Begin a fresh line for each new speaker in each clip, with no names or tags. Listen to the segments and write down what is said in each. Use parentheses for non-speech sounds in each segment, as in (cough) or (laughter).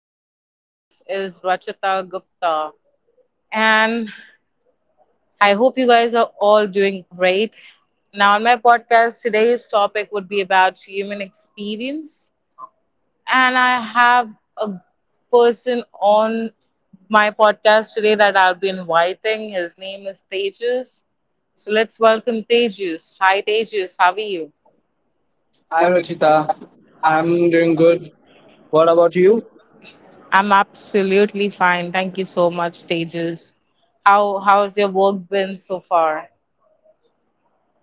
today. This is Rachita Gupta, and I hope you guys are all doing great. Now, on my podcast, today's topic would be about human experience, and I have a person on my podcast today that I'll be inviting. His name is Tejas. So let's welcome Tejas. Hi, Tejas. How are you?
Hi, Rachita. I'm doing good. What about you?
I'm absolutely fine. Thank you so much, Tejas. How's your work been so far?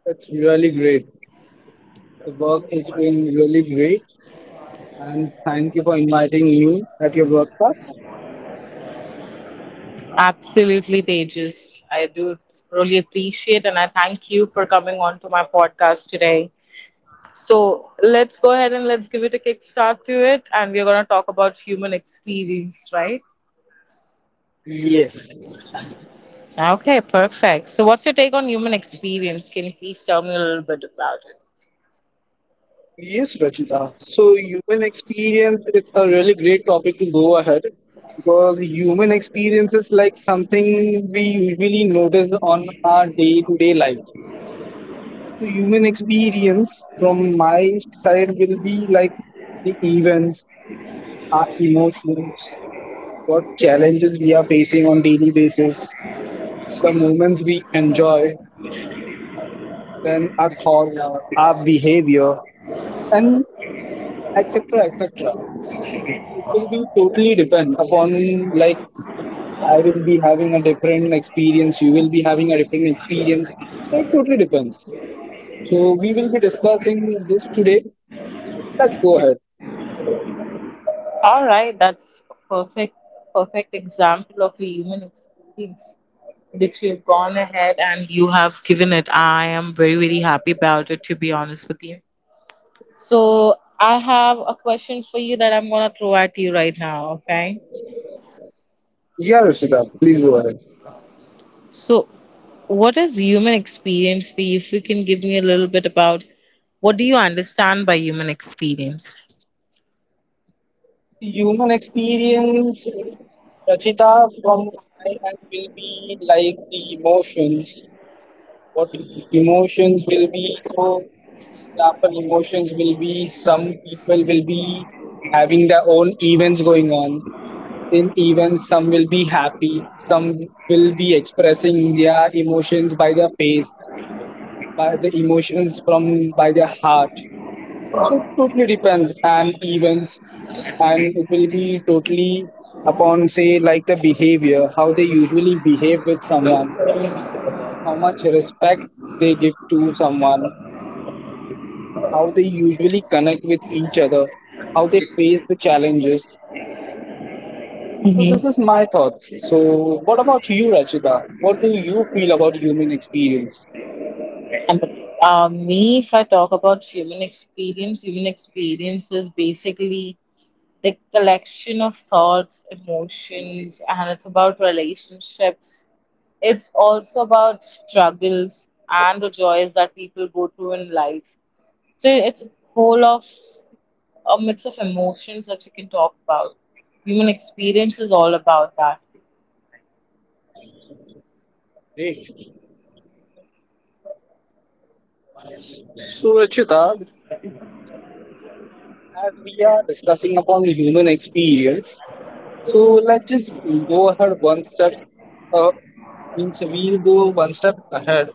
It's really great. The work is doing really great. And thank you for inviting me at your broadcast.
Absolutely, Tejas. I do really appreciate and I thank you for coming on to my podcast today. So let's go ahead and let's give it a kickstart to it, and we're gonna talk about human experience, right?
Yes.
Okay, perfect. So what's your take on human experience? Can you please tell me a little bit about it?
Yes, Rachita. So human experience is a really great topic to go ahead because human experience is like something we usually notice on our day to day life. So human experience from my side will be like the events, our emotions, what challenges we are facing on daily basis, the moments we enjoy, then our thoughts, our behavior, and etc. etc. It will be totally depend upon like I will be having a different experience, you will be having a different experience. It totally depends. So we will be discussing this today. Let's go ahead.
All right, that's a perfect example of a human experience that you've gone ahead and you have given it. I am very very happy about it, to be honest with you. So I have a question for you that I'm gonna throw at you right now. Okay.
Yeah, Rishita, please go ahead.
So what is human experience for you? If you can give me a little bit about what do you understand by human experience?
Human experience, Rachita, from my end will be like the emotions. What emotions will be? So, example, emotions will be some people will be having their own events going on. In events, some will be happy, some will be expressing their emotions by their face, by the emotions from by their heart. So totally depends and events, and it will be totally upon say like the behavior, how they usually behave with someone, how much respect they give to someone, how they usually connect with each other, how they face the challenges. So this
Hmm.
is my thoughts. So what about you, Rachita? What do you feel about human experience?
And me, if I talk about human experience is basically the collection of thoughts, emotions, and it's about relationships. It's also about struggles and the joys that people go through in life. So it's a whole of a mix of emotions that you can talk about. Human experience is all about that.
Great. So Rachita, as we are discussing upon human experience, so let's just go ahead one step up. Means we'll go one step ahead.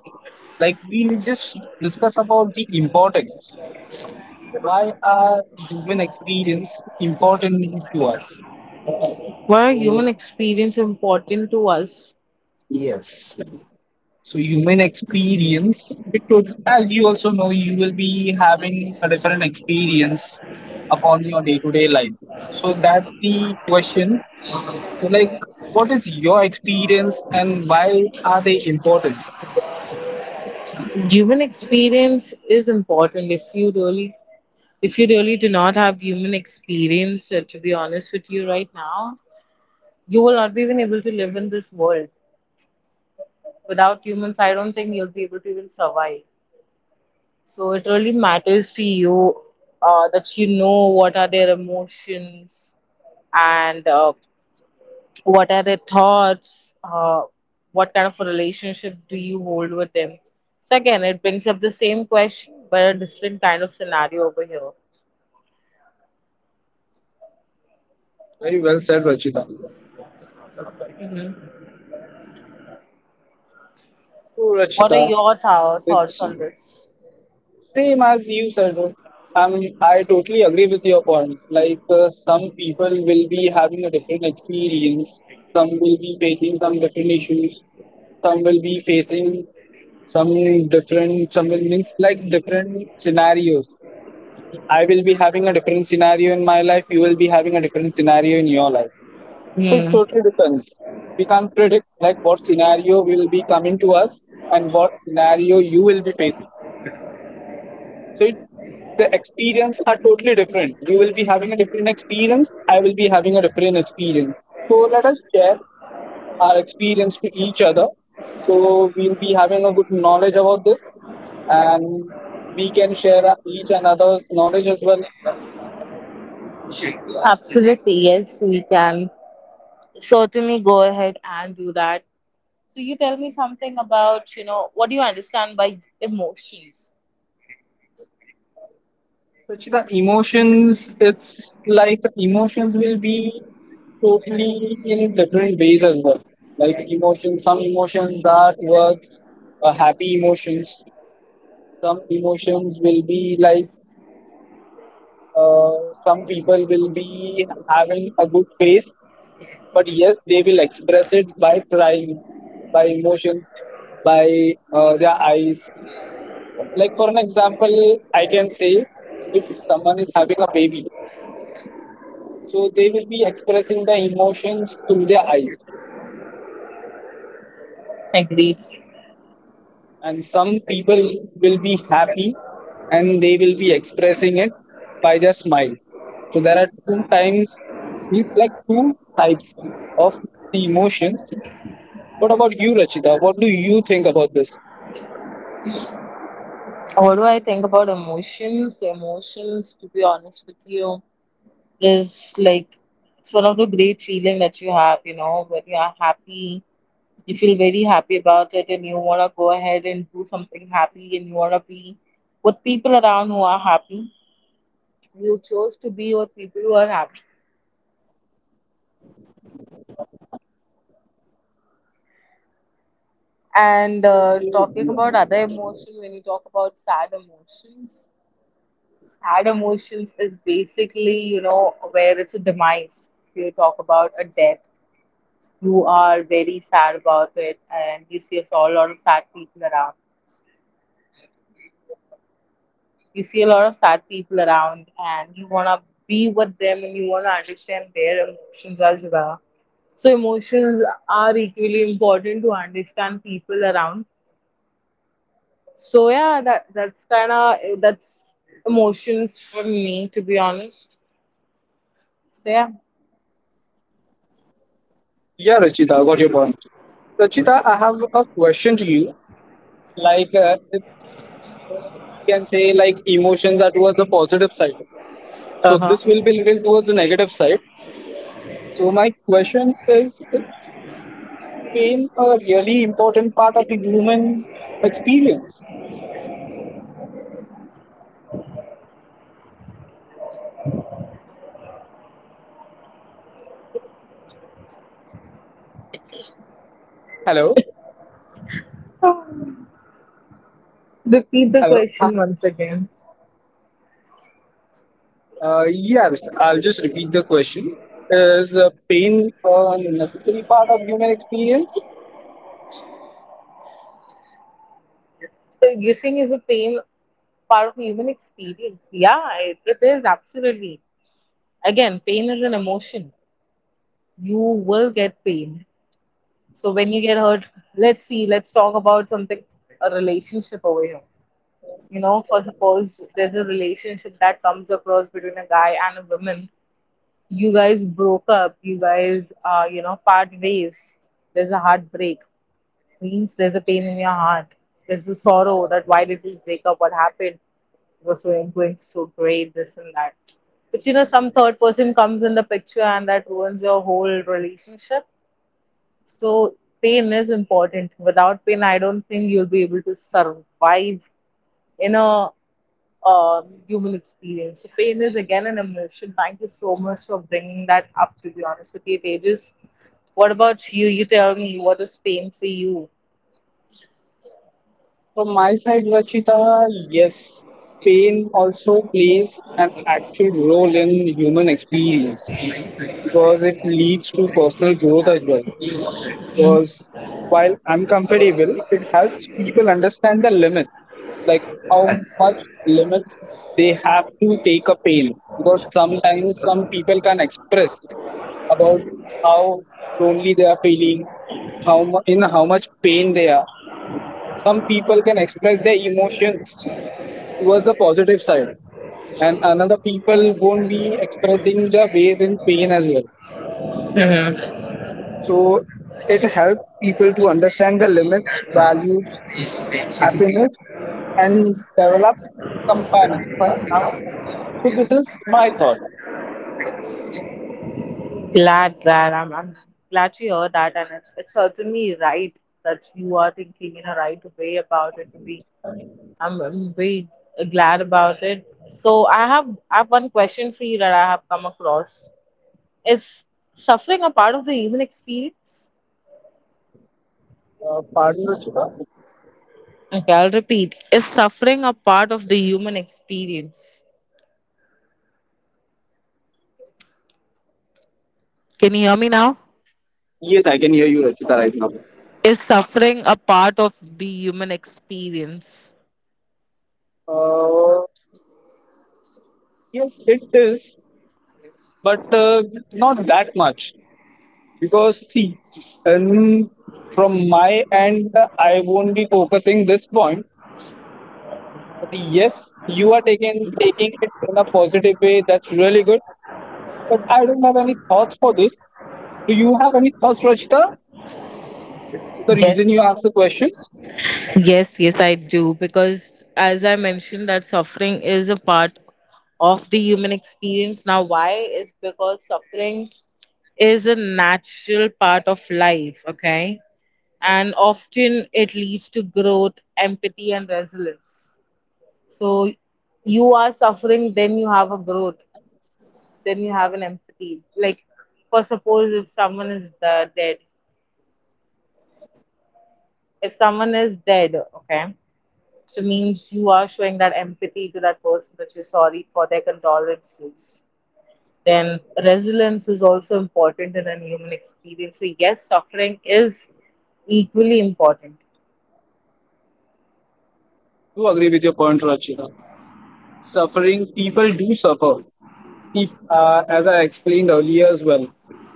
Like we'll just discuss about the importance. Why are human experience important to us?
Why are human
So
experience important to us?
yes. So human experience, because as you also know, you will be having a different experience upon your day-to-day life. So that's the question. Like, what is your experience and why are they important?
Human experience is important. If you really do not have human experience, to be honest with you, right now, you will not be even able to live in this world. Without humans, I don't think you'll be able to even survive. So it really matters to you, that you know what are their emotions, and what are their thoughts? What kind of a relationship do you hold with them? So again, it brings up the same question, but a different kind of scenario over here.
Very well said, Rachita.
Hmm.
So,
What are
Rachita,
your thoughts
it's
on this?
same as you said. I totally agree with your point. Like, some people will be having a different experience, some will be facing some different issues, some will be facing some different, some will means like different scenarios. I will be having a different scenario in my life, you will be having a different scenario in your life. It
Hmm.
totally depends. We can't predict like what scenario will be coming to us and what scenario you will be facing. So it, the experience are totally different. You will be having a different experience. I will be having a different experience. So let us share our experience to each other. So we'll be having a good knowledge about this, and we can share each another's knowledge as well.
Absolutely, yes, we can certainly go ahead and do that. So you tell me something about, you know, what do you understand by emotions?
Rachita, emotions, it's like emotions will be totally in different ways as well. Like emotions, some emotions that towards happy emotions. Some emotions will be like some people will be having a good face, but yes, they will express it by crying, by emotions, by their eyes. Like for an example, I can say if someone is having a baby, so they will be expressing their emotions through their eyes.
Agreed.
And some people will be happy and they will be expressing it by their smile. So there are two times, these like two types of the emotions. What about you, Rachita? What do you think about this?
What do I think about emotions? Emotions, to be honest with you, is like it's one of the great feeling that you have, you know, when you are happy, you feel very happy about it, and you want to go ahead and do something happy, and you want to be with people around who are happy. You chose to be with people who are happy, and talking about other emotion, when you talk about sad emotions, sad emotions is basically, you know, where it's a demise. If you talk about a death, you are very sad about it, and you see a lot of sad people around. You see a lot of sad people around, and you want to be with them, and you want to understand their emotions as well. So, emotions are equally important to understand people around. So, yeah, that that's kind of that's emotions for me, to be honest. So, yeah.
Yeah, Rachita, I got your point. Rachita, I have a question to you. Like, if we can say, like, emotions are towards the positive side. So
Uh
this will be little towards the negative side. So my question is pain a really important part of the human experience? Hello?
huh. Repeat the
Hello?
question once again.
Yeah, Mr., I'll just repeat the question. Is pain a necessary part of human experience?
So you're saying is the pain part of human experience? Yeah, it is absolutely. Again, pain is an emotion. You will get pain. So when you get hurt, let's see, let's talk about something, a relationship over here. You know, for suppose there's a relationship that comes across between a guy and a woman. You guys broke up. You guys, you know, part ways. There's a heartbreak. Means there's a pain in your heart. There's a sorrow that why did we break up? What happened? It was going so great, this and that. But you know, some third person comes in the picture and that ruins your whole relationship, so pain is important. Without pain, I don't think you'll be able to survive in a human experience. So pain is again an emotion. Thank you so much for bringing that up. To be honest with you, Tejas, what about you? You tell me, what is pain for you?
From my side, Rachita, yes. Pain also plays an actual role in human experience, because it leads to personal growth as well. Because while uncomfortable, it helps people understand the limit, like how much limit they have to take a pain. Because sometimes some people can express about how lonely they are feeling, in how much pain they are. Some people can express their emotions towards the positive side, and another people won't be expressing the ways in pain as well.
Glad
So it helps people to understand the limits, values, happiness, and develop companionship. So this is my thought.
that I'm glad to hear that, and it's certainly right that you are thinking in a right way about it. I'm very glad about it. So I have one question for you that I have come across. Is suffering a part of the human experience?
Pardon, Ruchita.
Okay, I'll repeat. Is suffering a part of the human experience? Can you hear me now?
Yes, I can hear you, Rachita, right now.
Is suffering a part of the human experience?
Uh, yes, it is, but not that much because see, um, from my end, I won't be focusing this point. But yes, you are taking it in a positive way. That's really good. But I don't have any thoughts for this. Do you have any thoughts, Rachita? The reason you asked
Yes.
the question?
Yes, yes, I do. Because as I mentioned, that suffering is a part of the human experience. Now, why? It's because suffering is a natural part of life, okay? And often it leads to growth, empathy, and resilience. So you are suffering, then you have a growth, then you have an empathy. Like, for suppose if someone is dead, if someone is dead, okay, so means you are showing that empathy to that person that you're sorry for their condolences. Then resilience is also important in a human experience. So yes, suffering is equally important.
Do agree with your point, Rachita. Suffering, people do suffer. If, as I explained earlier as well,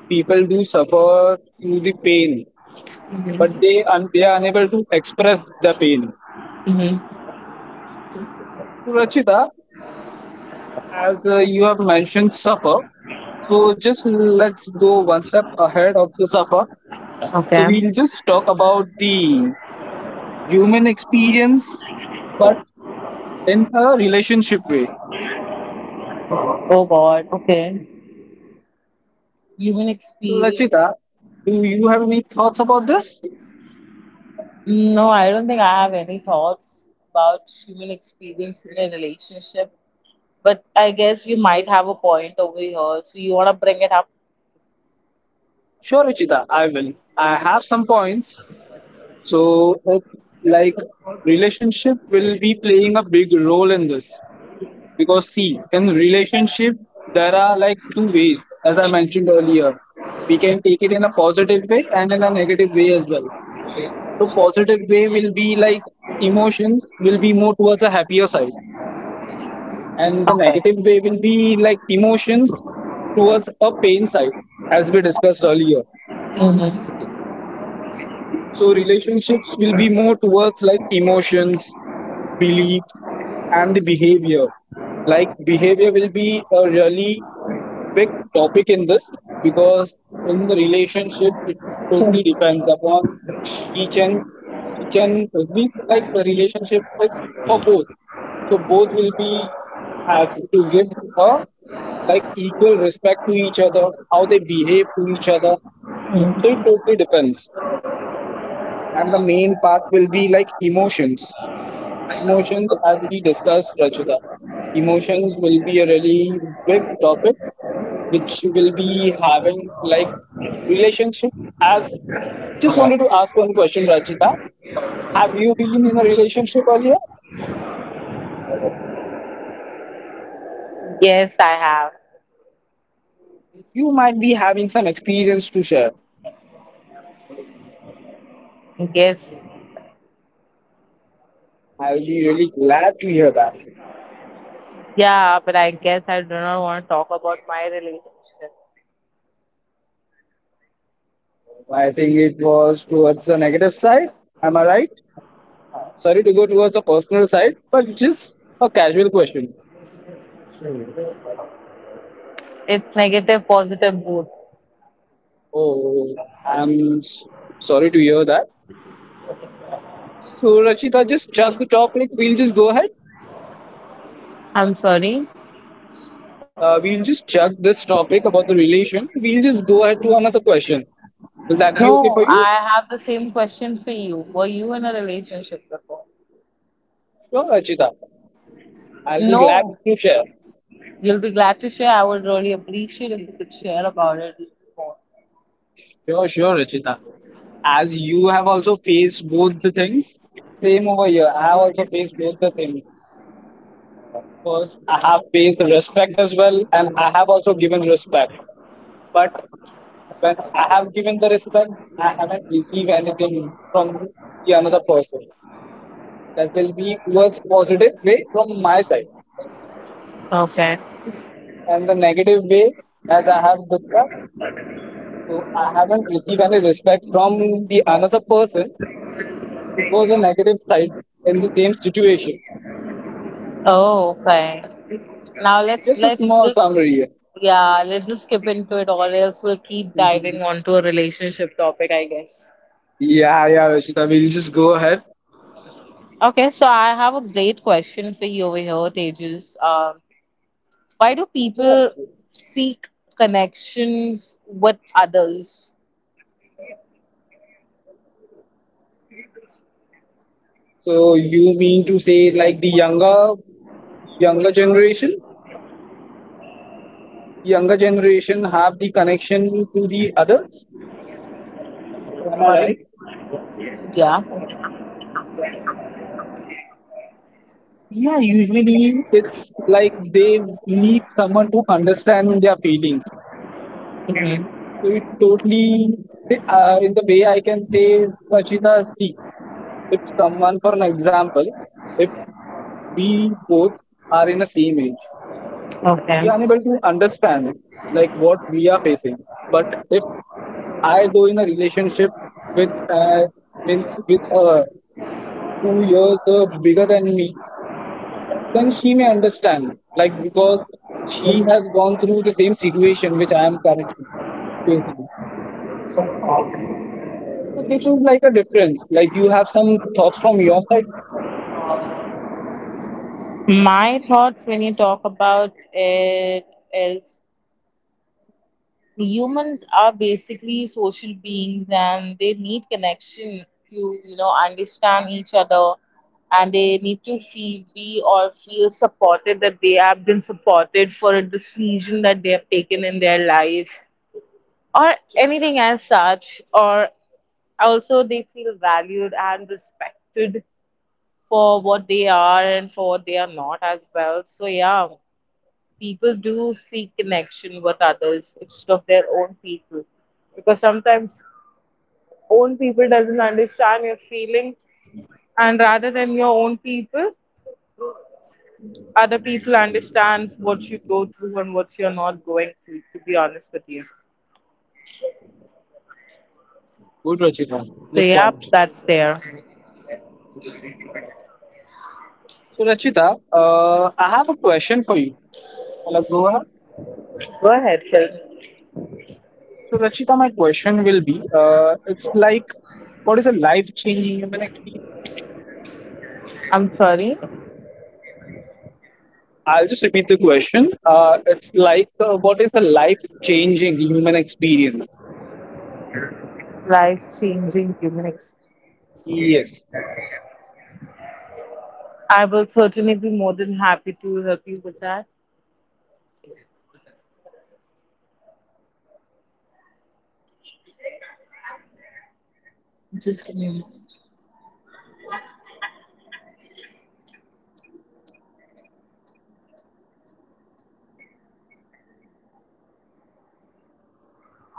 people do suffer through the pain, but
Mm-hmm.
they are unable to express the pain.
Hmm.
So, Rachita, as you have mentioned, suffer. So just let's go one step ahead of the suffer. So
Okay.
we'll just talk about the human experience, but in a relationship way.
Oh God, okay. Human
So, Rachita,
experience.
do you have any thoughts about this?
No, I don't think I have any thoughts about human experience in a relationship. But I guess you might have a point over here. So you want to bring it up?
Sure, Rachita, I will. I have some points. So, like, relationship will be playing a big role in this because see in relationship there are like two ways, as I mentioned earlier. We can take it in a positive way and in a negative way as well. So positive way will be like emotions will be more towards a happier side, and the
Okay.
negative way will be like emotions towards a pain side as we discussed earlier.
Mm-hmm.
So relationships will be more towards like emotions, beliefs, and the behavior. Like behavior will be a really big topic in this because in the relationship it totally depends upon each and each and we like the relationship is for both. So both will be have to give a like equal respect to each other, how they behave to each other. So it totally depends. And the main part will be like emotions. Emotions, as we discussed, Rachita, emotions will be a really big topic which will be having like relationship. As just wanted to ask one question, Rachita. Have you been in a relationship earlier?
Yes, I have.
You might be having some experience to share.
Yes.
I'll be really glad to hear that.
Yeah, but I guess I do not want to talk about my relationship.
I think it was towards the negative side. Am I right? Sorry to go towards the personal side, but just a casual question.
It's negative, positive both.
Oh, I'm s- sorry to hear that. So, Rachita, just chuck the topic. We'll just go ahead.
I'm sorry.
We'll just chuck this topic about the relation. We'll just go ahead to another question. Will that be okay
No,
for you?
I have the same question for you. Were you in a relationship before?
Sure, Rachita. I'll be glad
No.
to share.
You'll be glad to share. I would really appreciate if you could share about it more.
Sure, Rachita. As you have also faced both the things, same over here. I have also faced both the things. Because I have paid the respect as well, and I have also given respect. But when I have given the respect, I haven't received anything from the another person. That will be towards positive way from my side.
Okay.
And the negative way that I have discussed, so I haven't received any respect from the another person. It was a negative side in the same situation.
Oh, okay. Now let's
Just a
let's
small
just,
summary here.
yeah, let's just skip into it, or else we'll keep diving
(laughs)
onto a relationship topic, I guess.
Yeah, yeah, Vishita, we'll just go ahead.
Okay, so I have a great question for you over here, Tejas. Why do
Yeah.
people seek connections with others?
So you mean to say like the younger generation, younger generation have the connection to the adults, am I right?
Yeah.
Yeah, usually it's like they need someone to understand their feelings.
Hmm.
So it totally, in the way I can say, Rachita, see if someone, for an example, if we both are in the same age, we
Okay.
are unable to understand like what we are facing. But if I go in a relationship with means with 2 years bigger than me, then she may understand like because she has gone through the same situation which I am currently facing. So this is like a difference. Like you have some thoughts from your side.
My thoughts when you talk about it is humans are basically social beings, and they need connection to, you know, understand each other, and they need to feel, be or feel supported, that they have been supported for a decision that they have taken in their life or anything as such. Or also they feel valued and respected for what they are and for what they are not as well. So yeah, people do seek connection with others instead of their own people, because sometimes own people doesn't understand your feelings, and rather than your own people, other people understands what you go through and what you're not going through, to be honest with you.
Good, Rachita.
So
Good
yeah,
point.
that's there.
So Rachita, I have a question for you. Wanna go ahead?
Go ahead, Phil.
So, Rachita, my question will be, what is a life changing human experience?
I'm sorry.
I'll just repeat the question. What is a life changing human experience?
Life changing human experience.
Yes,
I will certainly be more than happy to help you with that. Just give me a moment.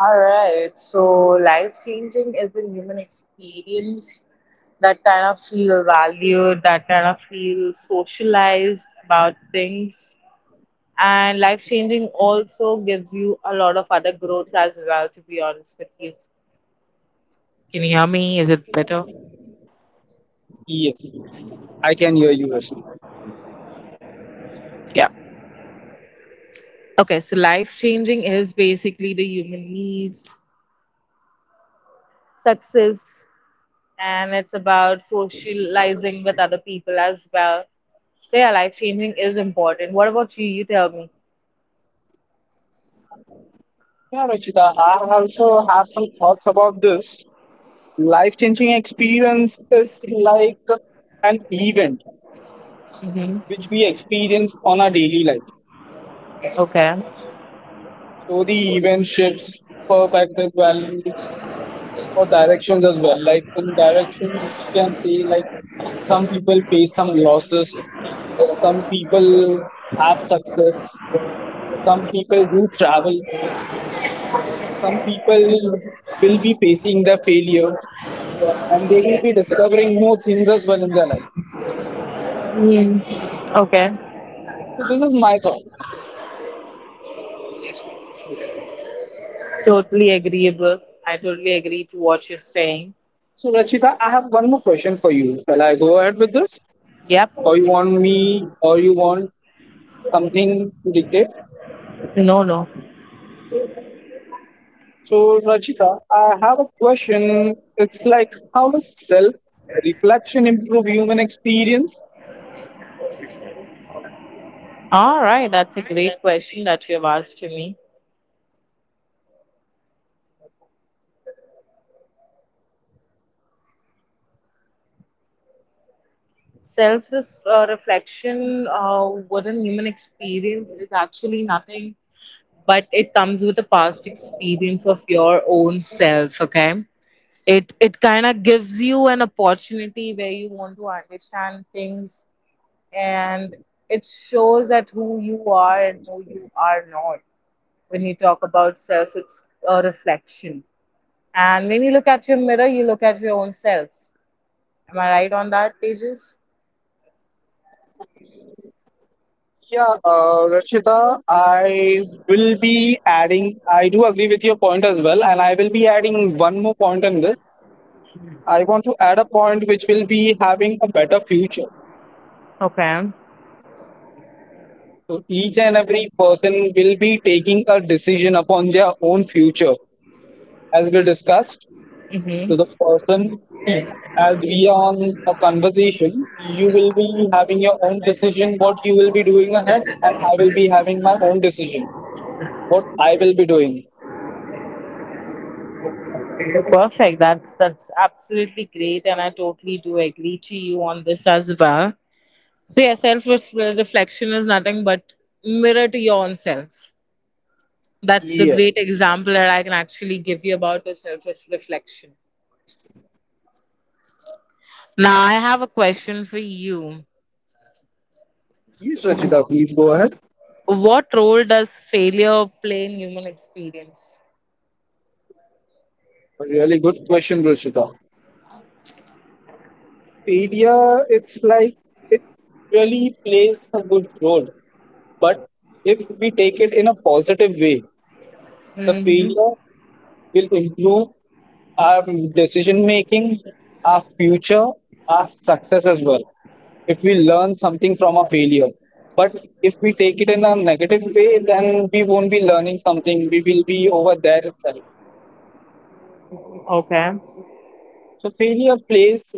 All right. So life changing is the human experience that kind of feel valued, that kind of feel socialized about things. And life changing also gives you a lot of other growths as well, to be honest with you. Can you hear me? Is it better?
yes, I can hear you, Rachita.
Yeah. Okay, so life changing is basically the human needs, success, and it's about socializing with other people as well. So yeah, life changing is important. What about you? You tell me.
Yeah, Rachita, I also have some thoughts about this. Life changing experience is like an event
Hmm.
which we experience on our daily life.
Okay.
So the event shifts perspective values or directions as well. Like in direction, we can say like some people face some losses, some people have success, some people do travel, some people will be facing the failure, and they will be discovering more things as well in their life.
Mm. Okay.
So this is my thought.
Totally agreeable. I totally agree to what you're saying.
So Rachita, I have one more question for you. Shall I go ahead with this,
Yep.
or you want me, or you want something to dictate?
No, no.
So, Rachita, I have a question. It's like, how does self reflection improve human experience?
All right. That's a great question that you have asked to me. Self reflection within human experience is actually nothing, but it comes with a past experience of your own self, okay? It kind of gives you an opportunity where you want to understand things, and it shows that who you are and who you are not. When you talk about self, it's a reflection, and when you look at your mirror, you look at your own self. Am I right on that, pages
Yeah, Rachita, I will be adding, I do agree with your point as well, and I will be adding one more point on this. I want to add a point which will be having a better future.
okay.
So, each and every person will be taking a decision upon their own future, as we discussed. To
Mm-hmm.
the person, as we are on a conversation, you will be having your own decision what you will be doing ahead, and I will be having my own decision what I will be doing.
Perfect. That's absolutely great, and I totally do agree to you on this as well. So, yeah, self reflection is nothing but mirror to your own self. That's the
Yeah.
great example that I can actually give you about the self reflection. Now, I have a question for you.
Yes, Rachita, please go ahead.
What role does failure play in human experience?
Really good question, Rachita. Failure, it's like, it really plays a good role, but if we take it in a positive way. The
Mm-hmm.
failure will improve our decision making, our future, our success as well. If we learn something from a failure, but if we take it in a negative way, then we won't be learning something. We will be over there itself.
Okay.
So failure plays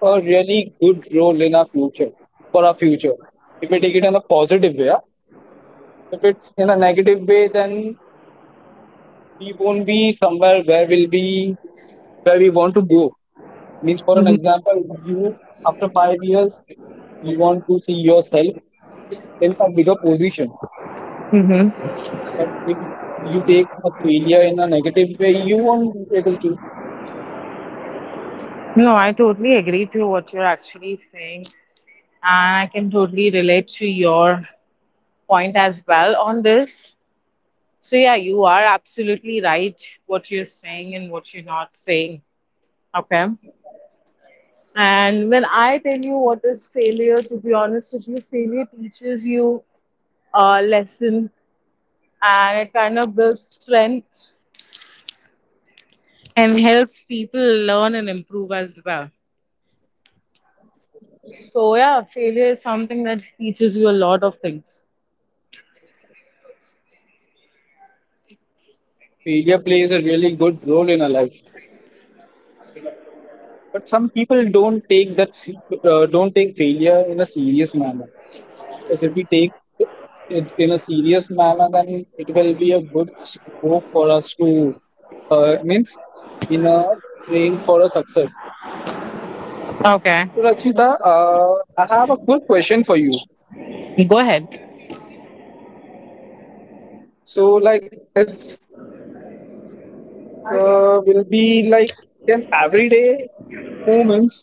a really good role in our future, for our future. If we take it in a positive way, If it's in a negative way, then we won't be somewhere where we'll be, where we want to go. Means, for an
Hmm.
example, you after 5 years, you want to see yourself in a bigger position.
Hmm.
But if you take a failure in a negative way, you won't be able to.
No, I totally agree to what you're actually saying. And I can totally relate to your point as well on this. So yeah, you are absolutely right what you're saying and what you're not saying. Okay. And when I tell you what is failure, to be honest with you, failure teaches you a lesson, and it kind of builds strength and helps people learn and improve as well. So yeah, failure is something that teaches you a lot of things.
Failure plays a really good role in our life. But some people don't take that don't take failure in a serious manner. Because if we take it in a serious manner, then it will be a good scope for us to, means, in a train for a success.
Okay.
So, Rakshita, I have a quick question for you.
Go ahead.
So, like, it's, will be like, can everyday moments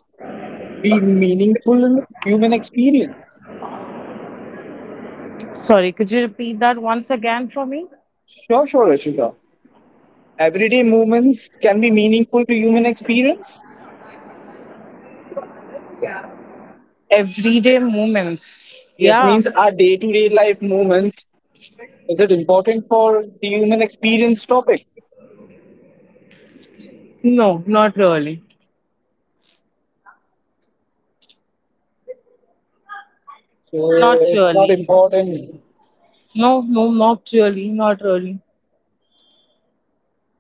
be meaningful in human experience?
Sorry, could you repeat that once again for me?
Sure, sure, Rakshita. Everyday moments can be meaningful to human experience.
Everyday moments.
Yes,
Yeah.
means our day-to-day life moments. Is it important for the human experience topic?
No, not really.
So
Not
it's not
really.
important.
No, no, not really. Not really.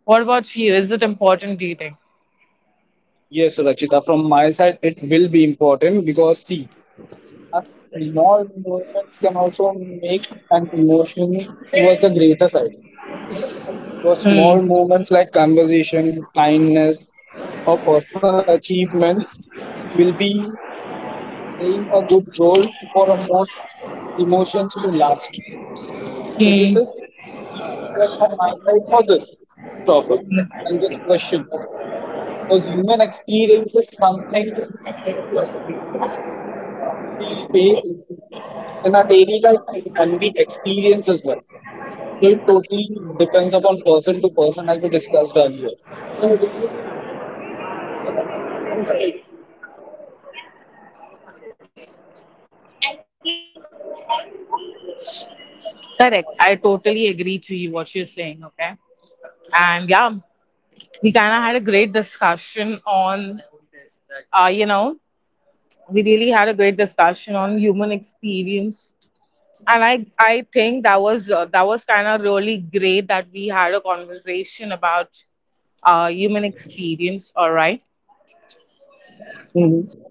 What about you? Is it important, do you think?
Yes, Rakshita, from my side, it will be important because see, a small movements can also make an emotion towards a greater side. So
Hmm.
small movements like conversation, kindness, or personal achievements will be playing a good role for a most emotions to last. So this
Hmm.
is what from my side for this topic and this question. Because human experience is something we face in our daily life and we experience as well. So it totally depends upon person to person, as we discussed earlier.
Correct. I totally agree to you what you're saying. Okay. And yeah, we kind of had a great discussion on, uh, you know, we really had a great discussion on human experience, and I think that was, kind of really great that we had a conversation about human experience. All right.
Hmm.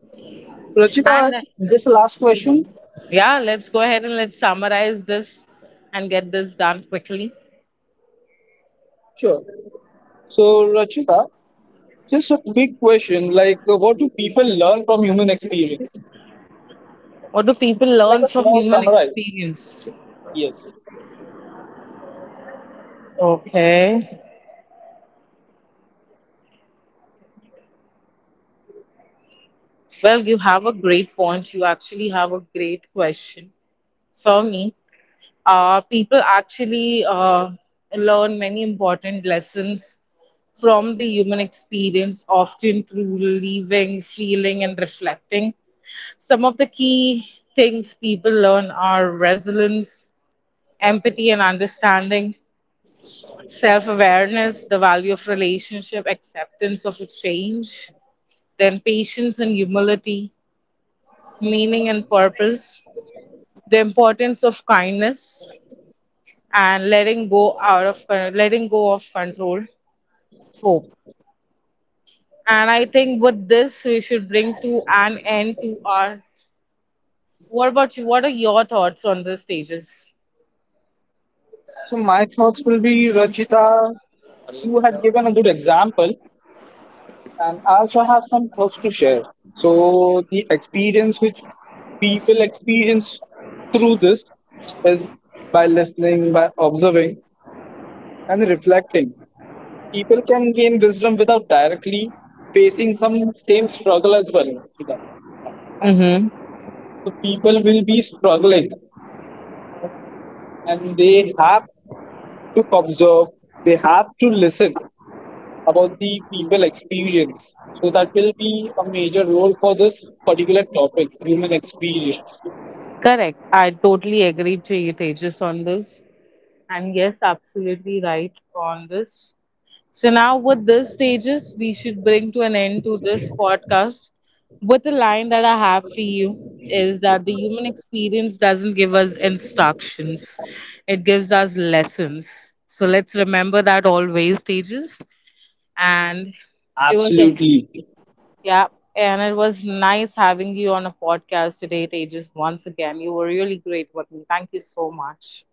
Rachita,
And
this last question.
yeah, let's go ahead and let's summarize this and get this done quickly.
Sure. So, Rachita, just a big question like, what do people learn from human experience?
What do people
It's like
learn
a
from
small
human
summarize.
experience?
Yes.
Okay. Well, you have a great point. You actually have a great question for me. People actually learn many important lessons from the human experience, often through living, feeling, and reflecting. Some of the key things people learn are resilience, empathy and understanding, self awareness, the value of relationship, acceptance of a change, then patience and humility, meaning and purpose, the importance of kindness, and letting go of control, hope. And I think with this we should bring to an end to our. What about you? What are your thoughts on the stages?
So, my thoughts will be, Rachita, you had given a good example. And I also have some thoughts to share. So the experience which people experience through this is by listening, by observing, and reflecting. People can gain wisdom without directly facing some same struggle as well. So
Mm-hmm.
people will be struggling, and they have to observe. They have to listen about the people experience. So that will be a major role for this particular topic, human experience.
Correct. I totally agree to your pages on this. And yes, absolutely right on this. So now with these stages, we should bring to an end to this podcast with a line that I have for you is that the human experience doesn't give us instructions. It gives us lessons. So let's remember that always, stages. And it was a,
Absolutely.
yeah, and it was nice having you on a podcast today, Tejas. Once again, you were really great with me. Thank you so much.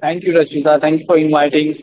Thank you, Rachita. Thank you for inviting